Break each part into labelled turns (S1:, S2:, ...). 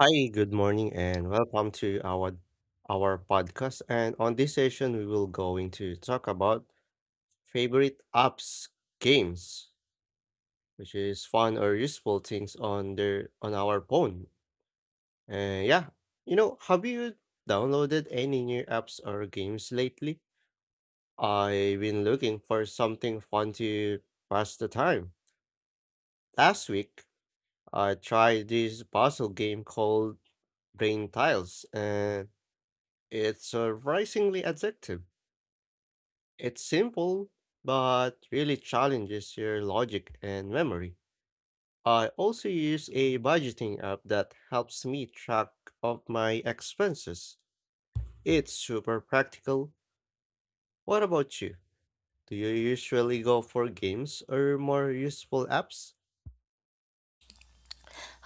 S1: Hi, good morning, and welcome to our podcast. And on this session, we will going to talk about favorite apps games, which is fun or useful things on their on our phone. And have you downloaded any new apps or games lately? I've been looking for something fun to pass the time. Last week, I tried this puzzle game called Brain Tiles, and it's surprisingly addictive. It's simple, but really challenges your logic and memory. I also use a budgeting app that helps me track of my expenses. It's super practical. What about you? Do you usually go for games or more useful apps?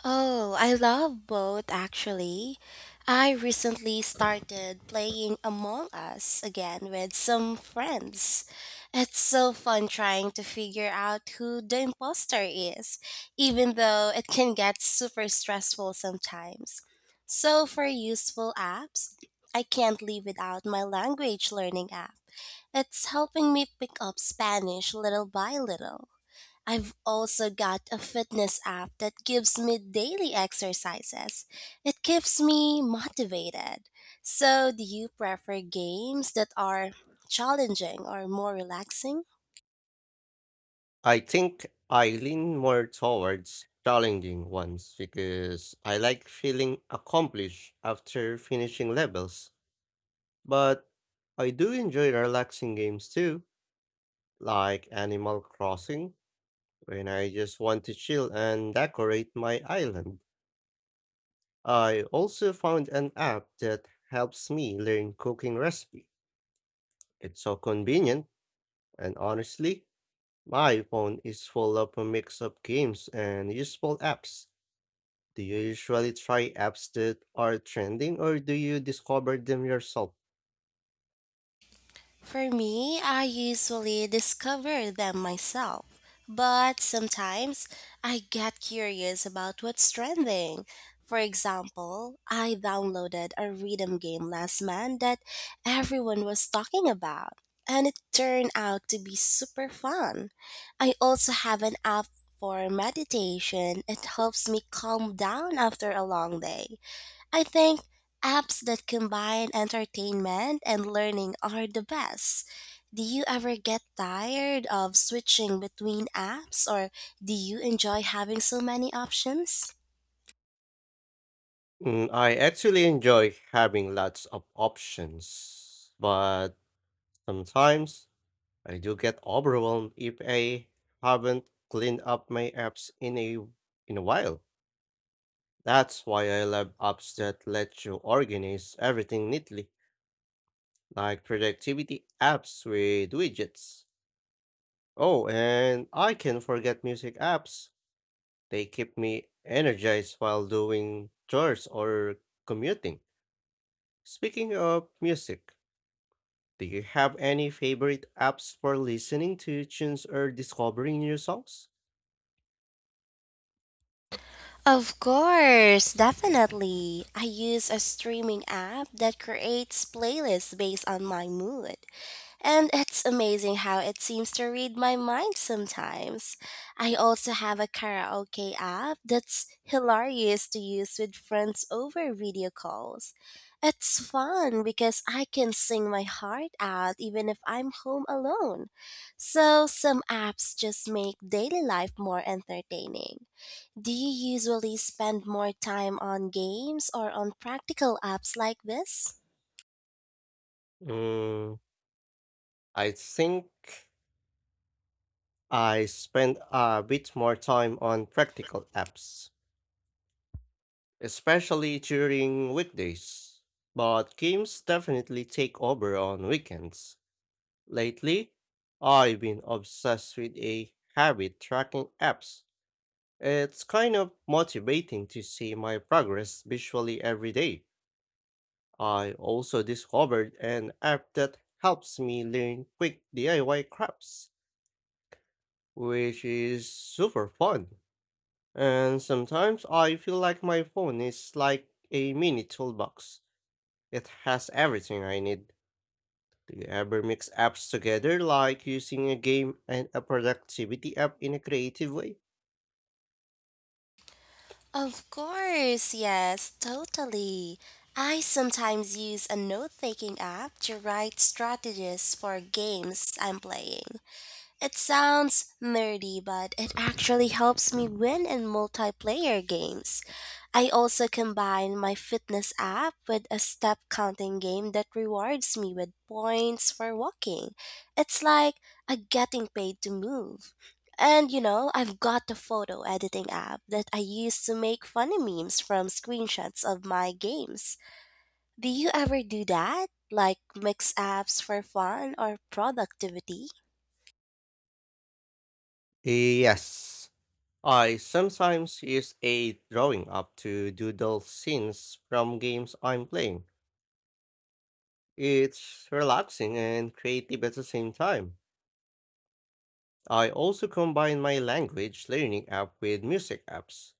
S2: Oh, I love both actually. I recently started playing Among Us again with some friends. It's so fun trying to figure out who the imposter is, even though it can get super stressful sometimes. So, for useful apps, I can't live without my language learning app. It's helping me pick up Spanish little by little. I've also got a fitness app that gives me daily exercises. It keeps me motivated. So, do you prefer games that are challenging or more relaxing?
S1: I think I lean more towards challenging ones because I like feeling accomplished after finishing levels. But I do enjoy relaxing games too, like Animal Crossing, when I just want to chill and decorate my island. I also found an app that helps me learn cooking recipe. It's so convenient, and honestly, my phone is full of a mix of games and useful apps. Do you usually try apps that are trending or do you discover them yourself?
S2: For me, I usually discover them myself, but sometimes I get curious about what's trending. For example, I downloaded a rhythm game last month that everyone was talking about, and it turned out to be super fun. I also have an app for meditation, it helps me calm down after a long day. I think apps that combine entertainment and learning are the best. Do you ever get tired of switching between apps or do you enjoy having so many options?
S1: I actually enjoy having lots of options, but sometimes I do get overwhelmed if I haven't cleaned up my apps in a while. That's why I love apps that let you organize everything neatly, like productivity apps with widgets. Oh, and I can forget music apps. They keep me energized while doing chores or commuting. Speaking of music, do you have any favorite apps for listening to tunes or discovering new songs?
S2: Of course, definitely. I use a streaming app that creates playlists based on my mood. And it's amazing how it seems to read my mind sometimes. I also have a karaoke app that's hilarious to use with friends over video calls. It's fun because I can sing my heart out even if I'm home alone. So some apps just make daily life more entertaining. Do you usually spend more time on games or on practical apps like this?
S1: Mm, I think I spend a bit more time on practical apps, especially during weekdays. But games definitely take over on weekends. Lately, I've been obsessed with a habit tracking apps. It's kind of motivating to see my progress visually every day. I also discovered an app that helps me learn quick DIY crafts, which is super fun. And sometimes I feel like my phone is like a mini toolbox. It has everything I need. Do you ever mix apps together, like using a game and a productivity app in a creative way?
S2: Of course, yes, totally. I sometimes use a note taking app to write strategies for games I'm playing. It sounds nerdy, but it actually helps me win in multiplayer games. I also combine my fitness app with a step counting game that rewards me with points for walking. It's like a getting paid to move. And you know, I've got the photo editing app that I use to make funny memes from screenshots of my games. Do you ever do that? Like mix apps for fun or productivity?
S1: Yes. I sometimes use a drawing app to doodle scenes from games I'm playing. It's relaxing and creative at the same time. I also combine my language learning app with music apps.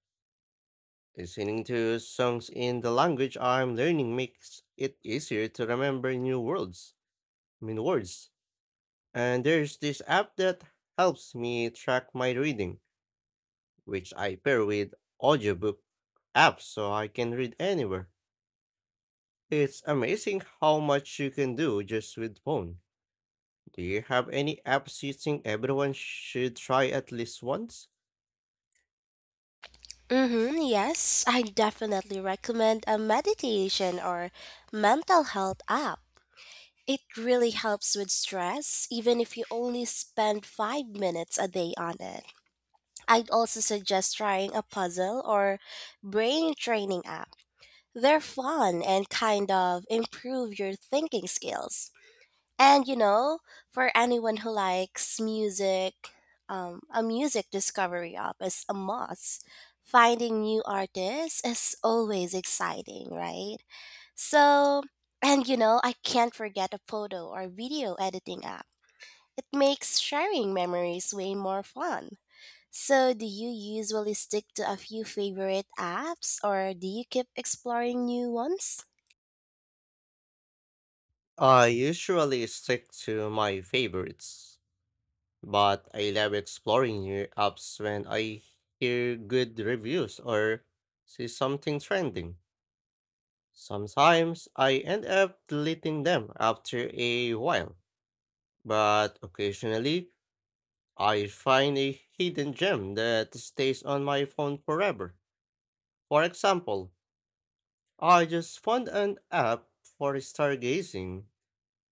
S1: Listening to songs in the language I'm learning makes it easier to remember new words, I mean words. And there's this app that helps me track my reading, which I pair with audiobook apps so I can read anywhere. It's amazing how much you can do just with phone. Do you have any apps you think everyone should try at least once?
S2: Mm-hmm, yes, I definitely recommend a meditation or mental health app. It really helps with stress, even if you only spend 5 minutes a day on it. I'd also suggest trying a puzzle or brain training app. They're fun and kind of improve your thinking skills. And you know, for anyone who likes music, a music discovery app is a must. Finding new artists is always exciting, right? So, and you know, I can't forget a photo or video editing app. It makes sharing memories way more fun. So, do you usually stick to a few favorite apps or do you keep exploring new ones?
S1: I usually stick to my favorites, but I love exploring new apps when I hear good reviews or see something trending. Sometimes I end up deleting them after a while, but occasionally I find a hidden gem that stays on my phone forever. For example, I just found an app for stargazing,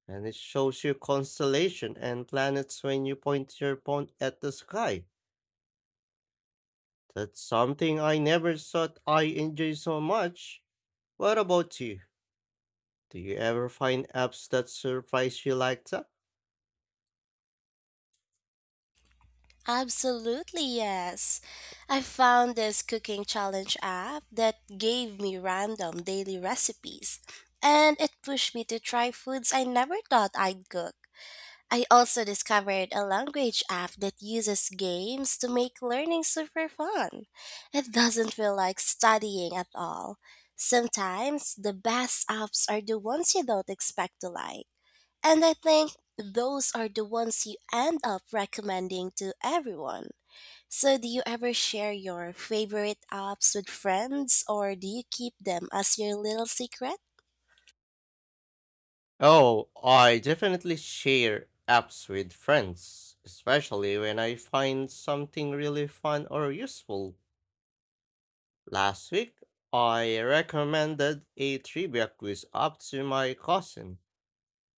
S1: and it shows you constellation and planets when you point your phone at the sky. That's something I never thought I enjoy so much. What about you? Do you ever find apps that surprise you like that?
S2: Absolutely, yes. I found this cooking challenge app that gave me random daily recipes, and it pushed me to try foods I never thought I'd cook. I also discovered a language app that uses games to make learning super fun. It doesn't feel like studying at all. Sometimes the best apps are the ones you don't expect to like. And I think those are the ones you end up recommending to everyone. So, do you ever share your favorite apps with friends or do you keep them as your little secret?
S1: Oh, I definitely share apps with friends, especially when I find something really fun or useful. Last week, I recommended a trivia quiz up to my cousin,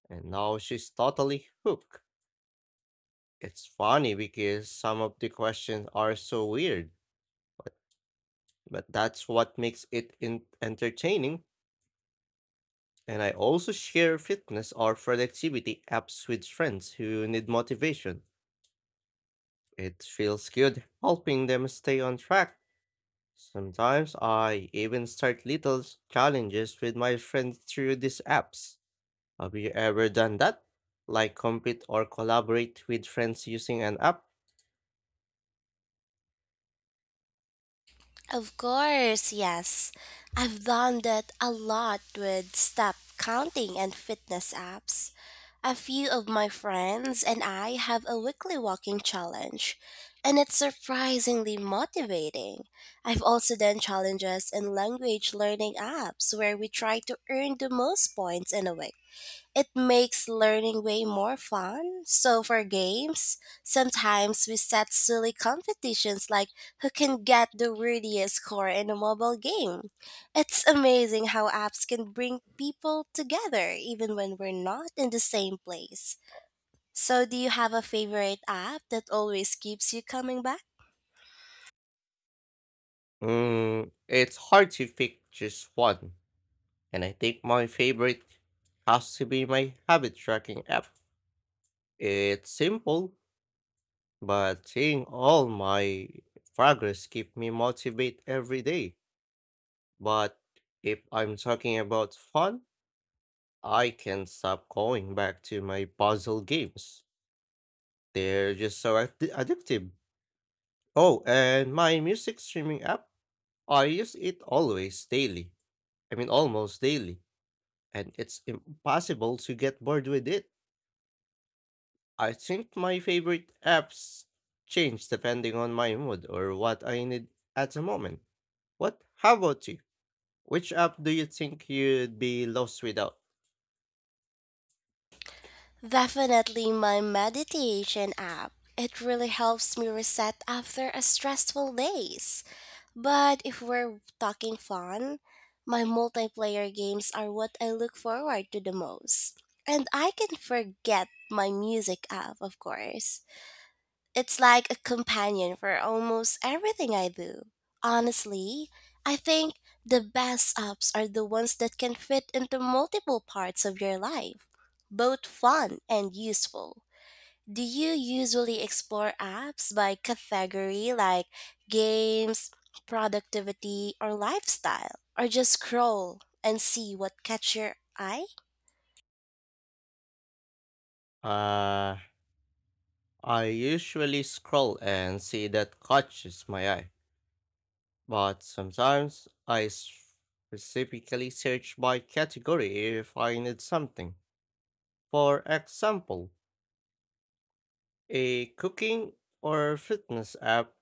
S1: and now she's totally hooked. It's funny because some of the questions are so weird, but, but that's what makes it entertaining. And I also share fitness or productivity apps with friends who need motivation. It feels good helping them stay on track. Sometimes I even start little challenges with my friends through these apps. Have you ever done that? Like compete or collaborate with friends using an app?
S2: Of course, yes. I've done that a lot with step counting and fitness apps. A few of my friends and I have a weekly walking challenge, and it's surprisingly motivating. I've also done challenges in language learning apps where we try to earn the most points in a week. It makes learning way more fun. So for games, sometimes we set silly competitions like who can get the wordiest score in a mobile game. It's amazing how apps can bring people together even when we're not in the same place. So do you have a favorite app that always keeps you coming back?
S1: It's hard to pick just one. And I think my favorite has to be my habit tracking app. It's simple, but seeing all my progress keep me motivated every day. But if I'm talking about fun, I can stop going back to my puzzle games. They're just so addictive. Oh, and my music streaming app, I use it always daily. I mean, almost daily. And it's impossible to get bored with it. I think my favorite apps change depending on my mood or what I need at the moment. What? How about you? Which app do you think you'd be lost without?
S2: Definitely my meditation app. It really helps me reset after a stressful days. But if we're talking fun, my multiplayer games are what I look forward to the most. And I can forget my music app, of course. It's like a companion for almost everything I do. Honestly, I think the best apps are the ones that can fit into multiple parts of your life, both fun and useful. Do you usually explore apps by category like games, productivity, or lifestyle, or just scroll and see what catch your eye?
S1: Uh, I usually scroll and see that catches my eye. But sometimes I specifically search by category if I need something. For example, a cooking or fitness app,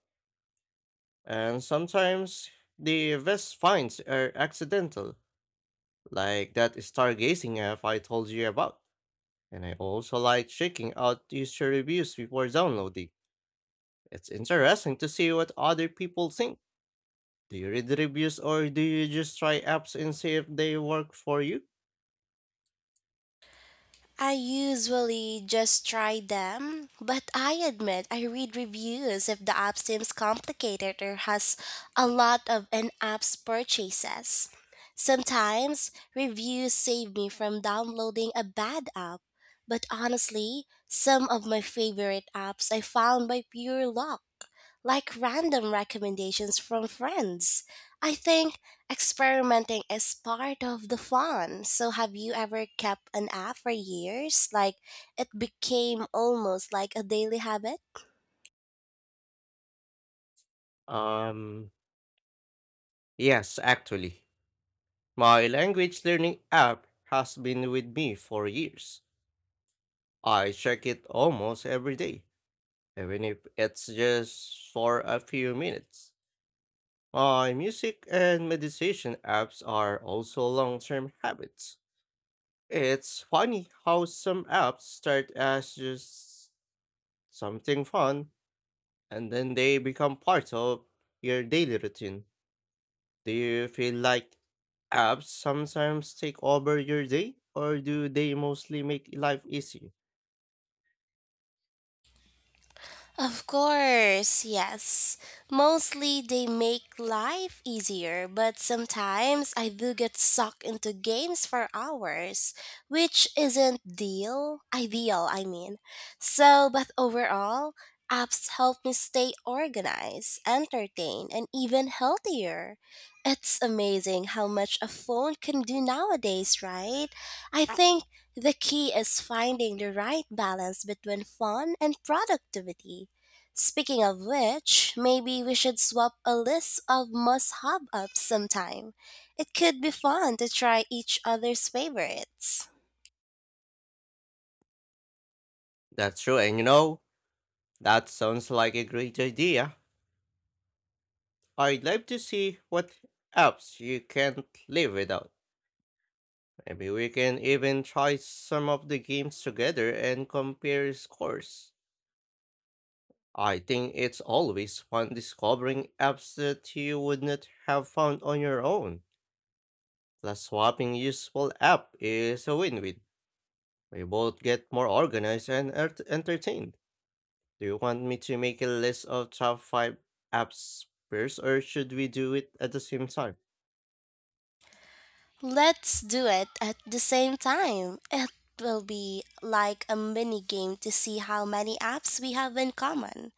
S1: and sometimes the best finds are accidental, like that stargazing app I told you about. And I also like checking out user reviews before downloading. It's interesting to see what other people think. Do you read reviews or do you just try apps and see if they work for you?
S2: I usually just try them, but I admit I read reviews if the app seems complicated or has a lot of in app's purchases. Sometimes reviews save me from downloading a bad app, but honestly, some of my favorite apps I found by pure luck like random recommendations from friends. I think experimenting is part of the fun. So, have you ever kept an app for years? Like, it became almost like a daily habit?
S1: Um, yes, actually. My language learning app has been with me for years. I check it almost every day, even if it's just for a few minutes. My music and meditation apps are also long term habits. It's funny how some apps start as just something fun and then they become part of your daily routine. Do you feel like apps sometimes take over your day, or do they mostly make life easy?
S2: Of course, yes. Mostly they make life easier, but sometimes I do get sucked into games for hours, which isn't deal ideal, I mean. So, but overall, apps help me stay organized, entertained, and even healthier. It's amazing how much a phone can do nowadays, right? I think the key is finding the right balance between fun and productivity. Speaking of which, maybe we should swap a list of must hop ups sometime. It could be fun to try each other's favorites.
S1: That's true, and you know, that sounds like a great idea. I'd love to see what apps you can't live without. Maybe we can even try some of the games together and compare scores. I think it's always fun discovering apps that you would not have found on your own. Plus, swapping useful app is a win-win. We both get more organized and entertained. Do you want me to make a list of top 5 apps first, or should we do it at the same time?
S2: Let's do it at the same time. It will be like a mini game to see how many apps we have in common.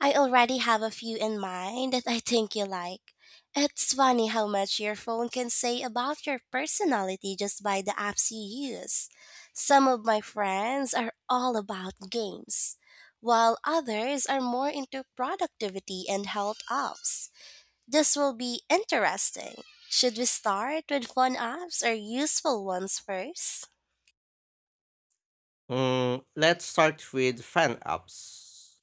S2: I already have a few in mind that I think you like. It's funny how much your phone can say about your personality just by the apps you use. Some of my friends are all about games, while others are more into productivity and health apps. This will be interesting. Should we start with fun apps or useful ones first?
S1: Let's start with fan apps.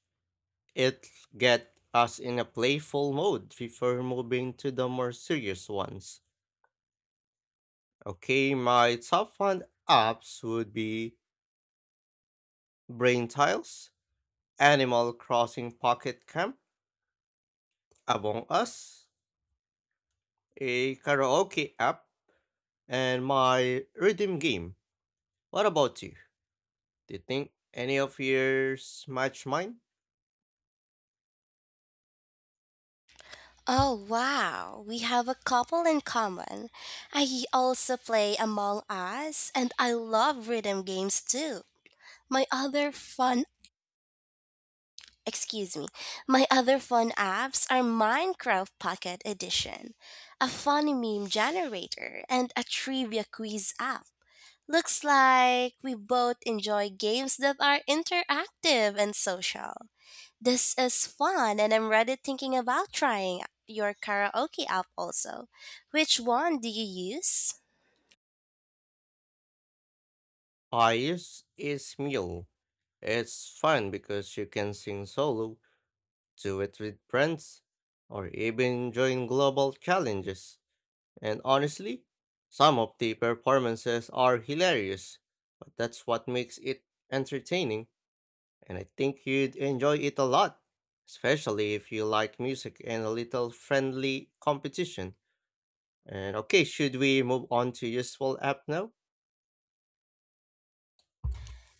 S1: It get us in a playful mode before moving to the more serious ones. Okay, my top fan apps would be Brain Tiles, Animal Crossing Pocket Camp, Among Us, a karaoke app, and my rhythm game. What about you? Do you think any of yours match mine?
S2: Oh, wow. We have a couple in common. I also play Among Us and I love rhythm games too. My other fun, excuse me, my other fun apps are Minecraft Pocket Edition, a funny meme generator, and a trivia quiz app. Looks like we both enjoy games that are interactive and social. This is fun, and I'm already thinking about trying your karaoke app also. Which one do you use?
S1: I use is meal. It's fun because you can sing solo, do it with friends, or even join global challenges. And honestly, some of the performances are hilarious, but that's what makes it entertaining, and I think you'd enjoy it a lot, especially if you like music and a little friendly competition. And okay, should we move on to useful app now?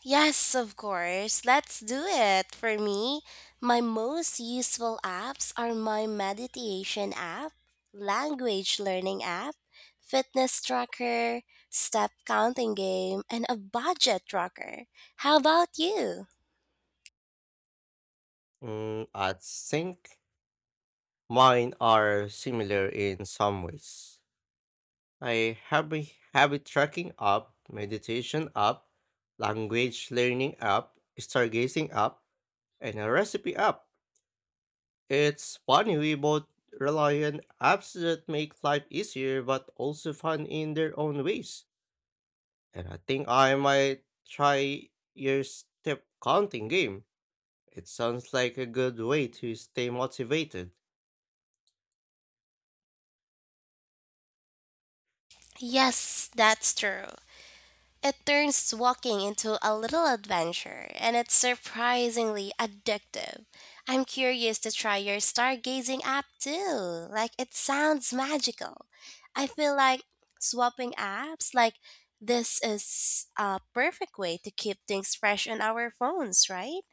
S2: Yes, of course. Let's do it. For me, my most useful apps are my meditation app, language learning app, fitness tracker, step counting game, and a budget tracker. How about you?
S1: I think mine are similar in some ways. I have a habit tracking app, meditation app, language learning app, stargazing app, and a recipe app. It's funny we both rely on apps that make life easier but also fun in their own ways. And I think I might try your step counting game. It sounds like a good way to stay motivated,
S2: Yes, that's true. It turns walking into a little adventure, and it's surprisingly addictive. I'm curious to try your stargazing app too. Like, it sounds magical. I feel like swapping apps, like, this is a perfect way to keep things fresh on our phones, right?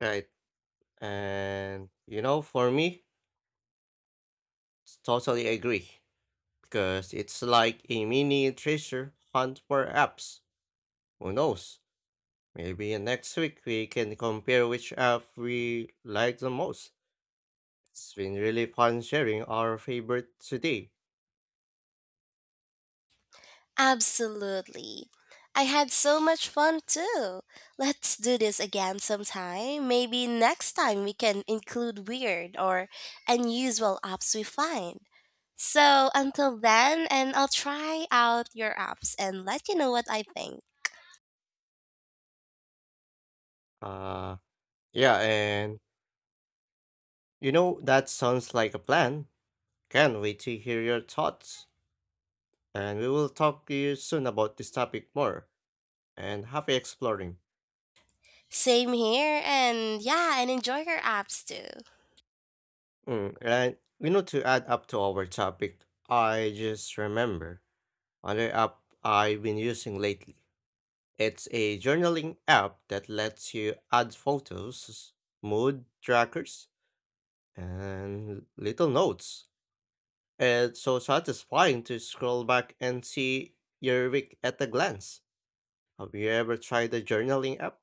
S1: right? And you know, for me, it's totally agree because it's like a mini treasure hunt for apps. Who knows? Maybe next week we can compare which app we like the most. It's been really fun sharing our favorite today.
S2: Absolutely. I had so much fun too. Let's do this again sometime. Maybe next time we can include weird or unusual apps we find. So until then, and I'll try out your apps and let you know what I think.
S1: Uh, yeah, and you know, that sounds like a plan. Can't wait to hear your thoughts, and we will talk to you soon about this topic more. And happy exploring.
S2: Same here, and yeah, and enjoy your apps too.
S1: And you know, to add up to our topic, I just remember another app I've been using lately. It's a journaling app that lets you add photos, mood trackers, and little notes. It's so satisfying to scroll back and see your week at a glance. Have you ever tried a journaling app?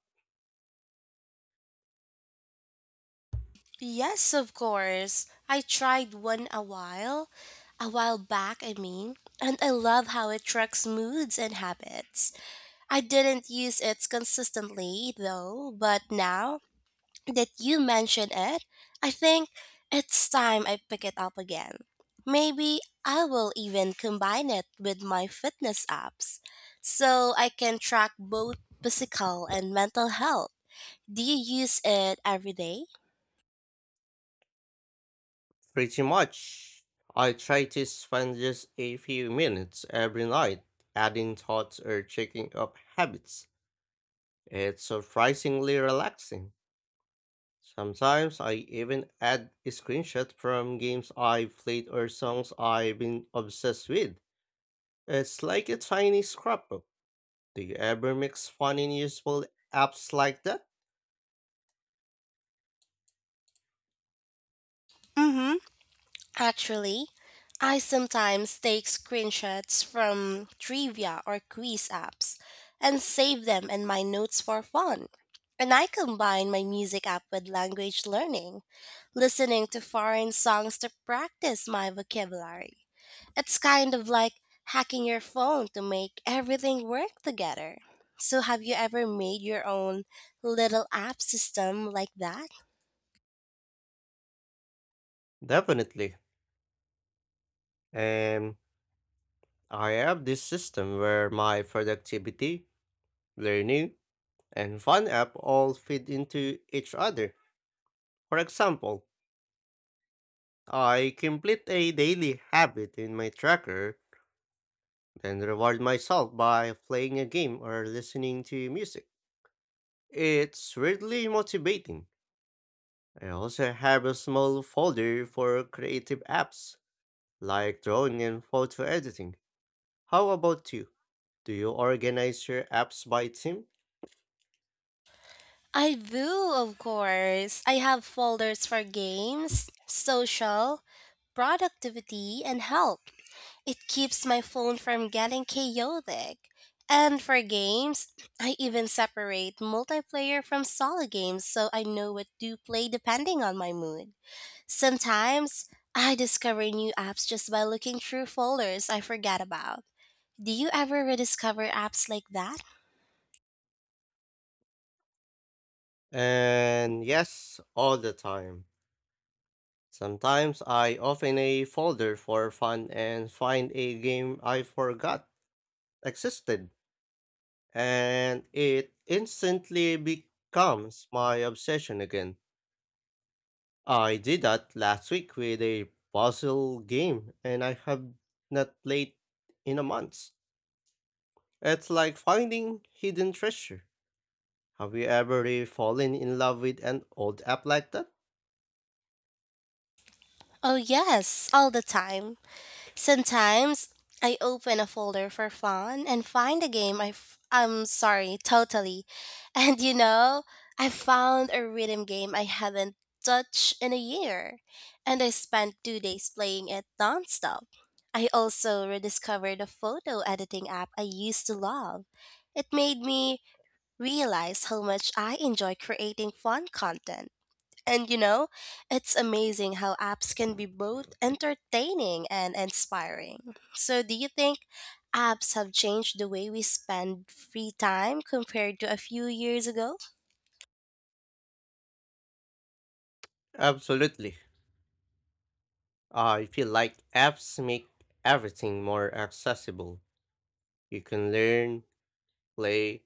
S2: Yes, of course. I tried one a while back, I mean, and I love how it tracks moods and habits. I didn't use it consistently though, but now that you mention it, I think it's time I pick it up again. Maybe I will even combine it with my fitness apps so I can track both physical and mental health. Do you use it every day?
S1: Pretty much. I try to spend just a few minutes every night adding thoughts or checking up habits. It's surprisingly relaxing. Sometimes I even add a screenshot from games I've played or songs I've been obsessed with. It's like a tiny scrapbook. Do you ever mix fun and useful apps like that?
S2: Mm hmm. Actually, I sometimes take screenshots from trivia or quiz apps and save them in my notes for fun. And I combine my music app with language learning, listening to foreign songs to practice my vocabulary. It's kind of like hacking your phone to make everything work together. So, have you ever made your own little app system like that?
S1: Definitely. Um, I have this system where my productivity, learning, and fun app all feed into each other. For example, I complete a daily habit in my tracker, then reward myself by playing a game or listening to music. It's really motivating. I also have a small folder for creative apps, like drawing and photo editing. How about you? Do you organize your apps by theme?
S2: I do, of course. I have folders for games, social, productivity, and help. It keeps my phone from getting chaotic. And for games, I even separate multiplayer from solo games so I know what to play depending on my mood. Sometimes, I discover new apps just by looking through folders I forgot about. Do you ever rediscover apps like that?
S1: And yes, all the time. Sometimes I open a folder for fun and find a game I forgot existed, and it instantly becomes my obsession again. I did that last week with a puzzle game, and I have not played in a month. It's like finding hidden treasure. Have you ever really fallen in love with an old app like that?
S2: Oh, yes, all the time. Sometimes I open a folder for fun and find a game I f- I'm sorry, totally. And you know, I found a rhythm game I haven't touched in a year, and I spent 2 days playing it nonstop. I also rediscovered a photo editing app I used to love. It made me realize how much I enjoy creating fun content. And you know, it's amazing how apps can be both entertaining and inspiring. So, do you think apps have changed the way we spend free time compared to a few years ago?
S1: Absolutely. I feel like apps make everything more accessible. You can learn, play,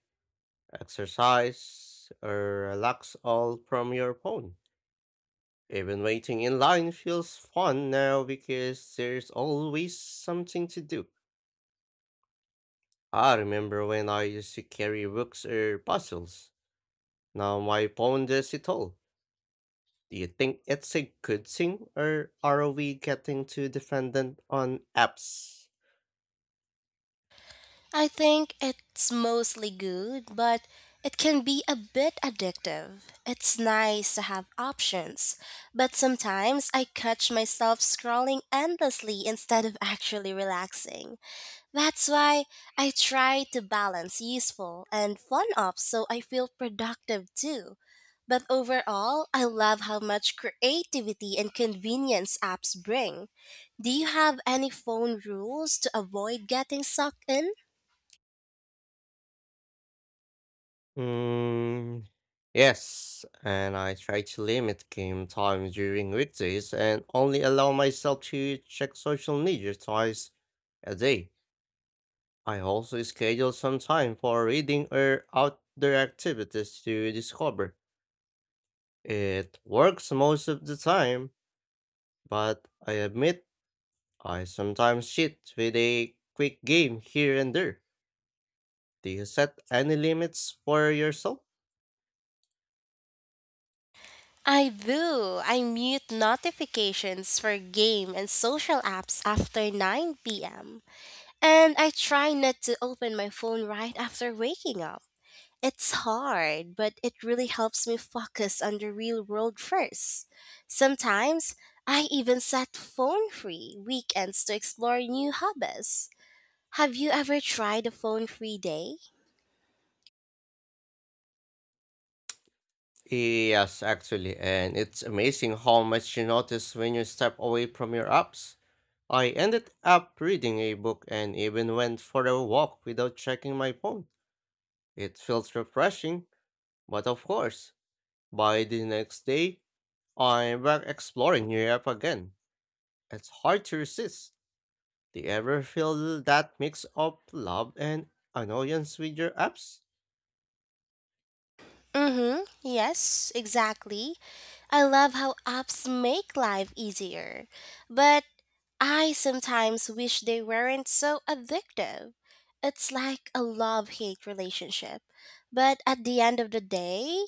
S1: exercise, or relax all from your phone. Even waiting in line feels fun now because there's always something to do. I remember when I used to carry books or puzzles. Now my phone does it all. Do you think it's a good thing, or are we getting too dependent on apps?
S2: I think it's mostly good, but it can be a bit addictive. It's nice to have options, but sometimes I catch myself scrolling endlessly instead of actually relaxing. That's why I try to balance useful and fun up so I feel productive too. But overall, I love how much creativity and convenience apps bring. Do you have any phone rules to avoid getting sucked in?
S1: Mm, yes, and I try to limit game time during weekdays and only allow myself to check social media twice a day. I also schedule some time for reading or outdoor activities to discover. It works most of the time, but I admit I sometimes cheat with a quick game here and there. Do you set any limits for yourself?
S2: I do. I mute notifications for game and social apps after 9 p.m. And I try not to open my phone right after waking up. It's hard, but it really helps me focus on the real world first. Sometimes I even set phone free weekends to explore new hobbies. Have you ever tried a phone free day?
S1: Yes, actually, and it's amazing how much you notice when you step away from your apps. I ended up reading a book and even went for a walk without checking my phone. It feels refreshing, but of course, by the next day, I'm back exploring your app again. It's hard to resist. Do you ever feel that mix of love and annoyance with your apps?
S2: Mm-hmm. Yes, exactly. I love how apps make life easier. But I sometimes wish they weren't so addictive. It's like a love hate relationship. But at the end of the day,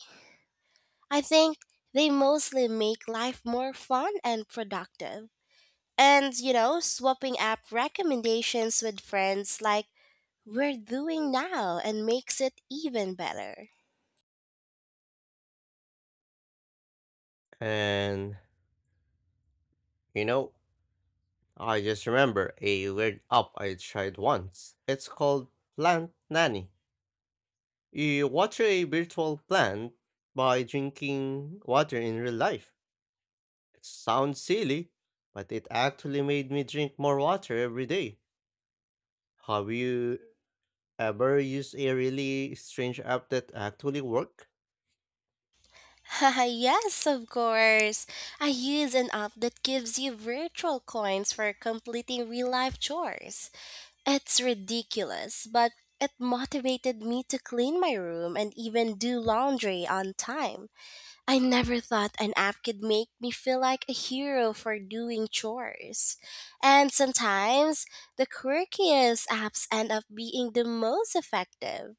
S2: I think they mostly make life more fun and productive. And, you know, swapping app recommendations with friends like we're doing now and makes it even better.
S1: And you know, I just remember a weird app I tried once. It's called Plant Nanny. You water a virtual plant by drinking water in real life. It sounds silly, but it actually made me drink more water every day. Have you ever used a really strange app that actually worked?
S2: yes, of course. I use an app that gives you virtual coins for completing real life chores. It's ridiculous, but it motivated me to clean my room and even do laundry on time. I never thought an app could make me feel like a hero for doing chores. And sometimes the quirkiest apps end up being the most effective.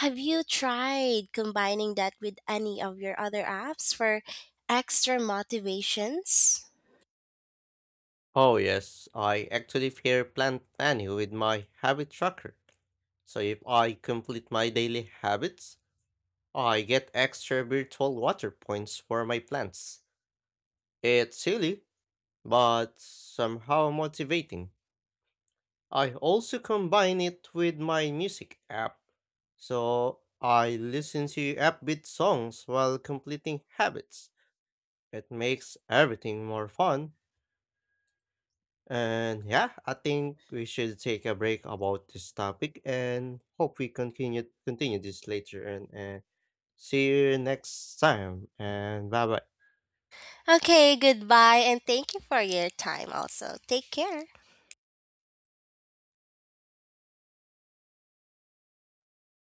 S2: Have you tried combining that with any of your other apps for extra motivations?
S1: Oh yes, I actually pair Plant Nanny with my habit tracker. So if I complete my daily habits, oh, I get extra virtual water points for my plants. It's silly, but somehow motivating. I also combine it with my music app. So I listen to upbeat songs while completing habits. It makes everything more fun. And yeah, I think we should take a break about this topic and hope we continue this later and see you next time and bye bye.
S2: Okay, goodbye and thank you for your time also. Take care.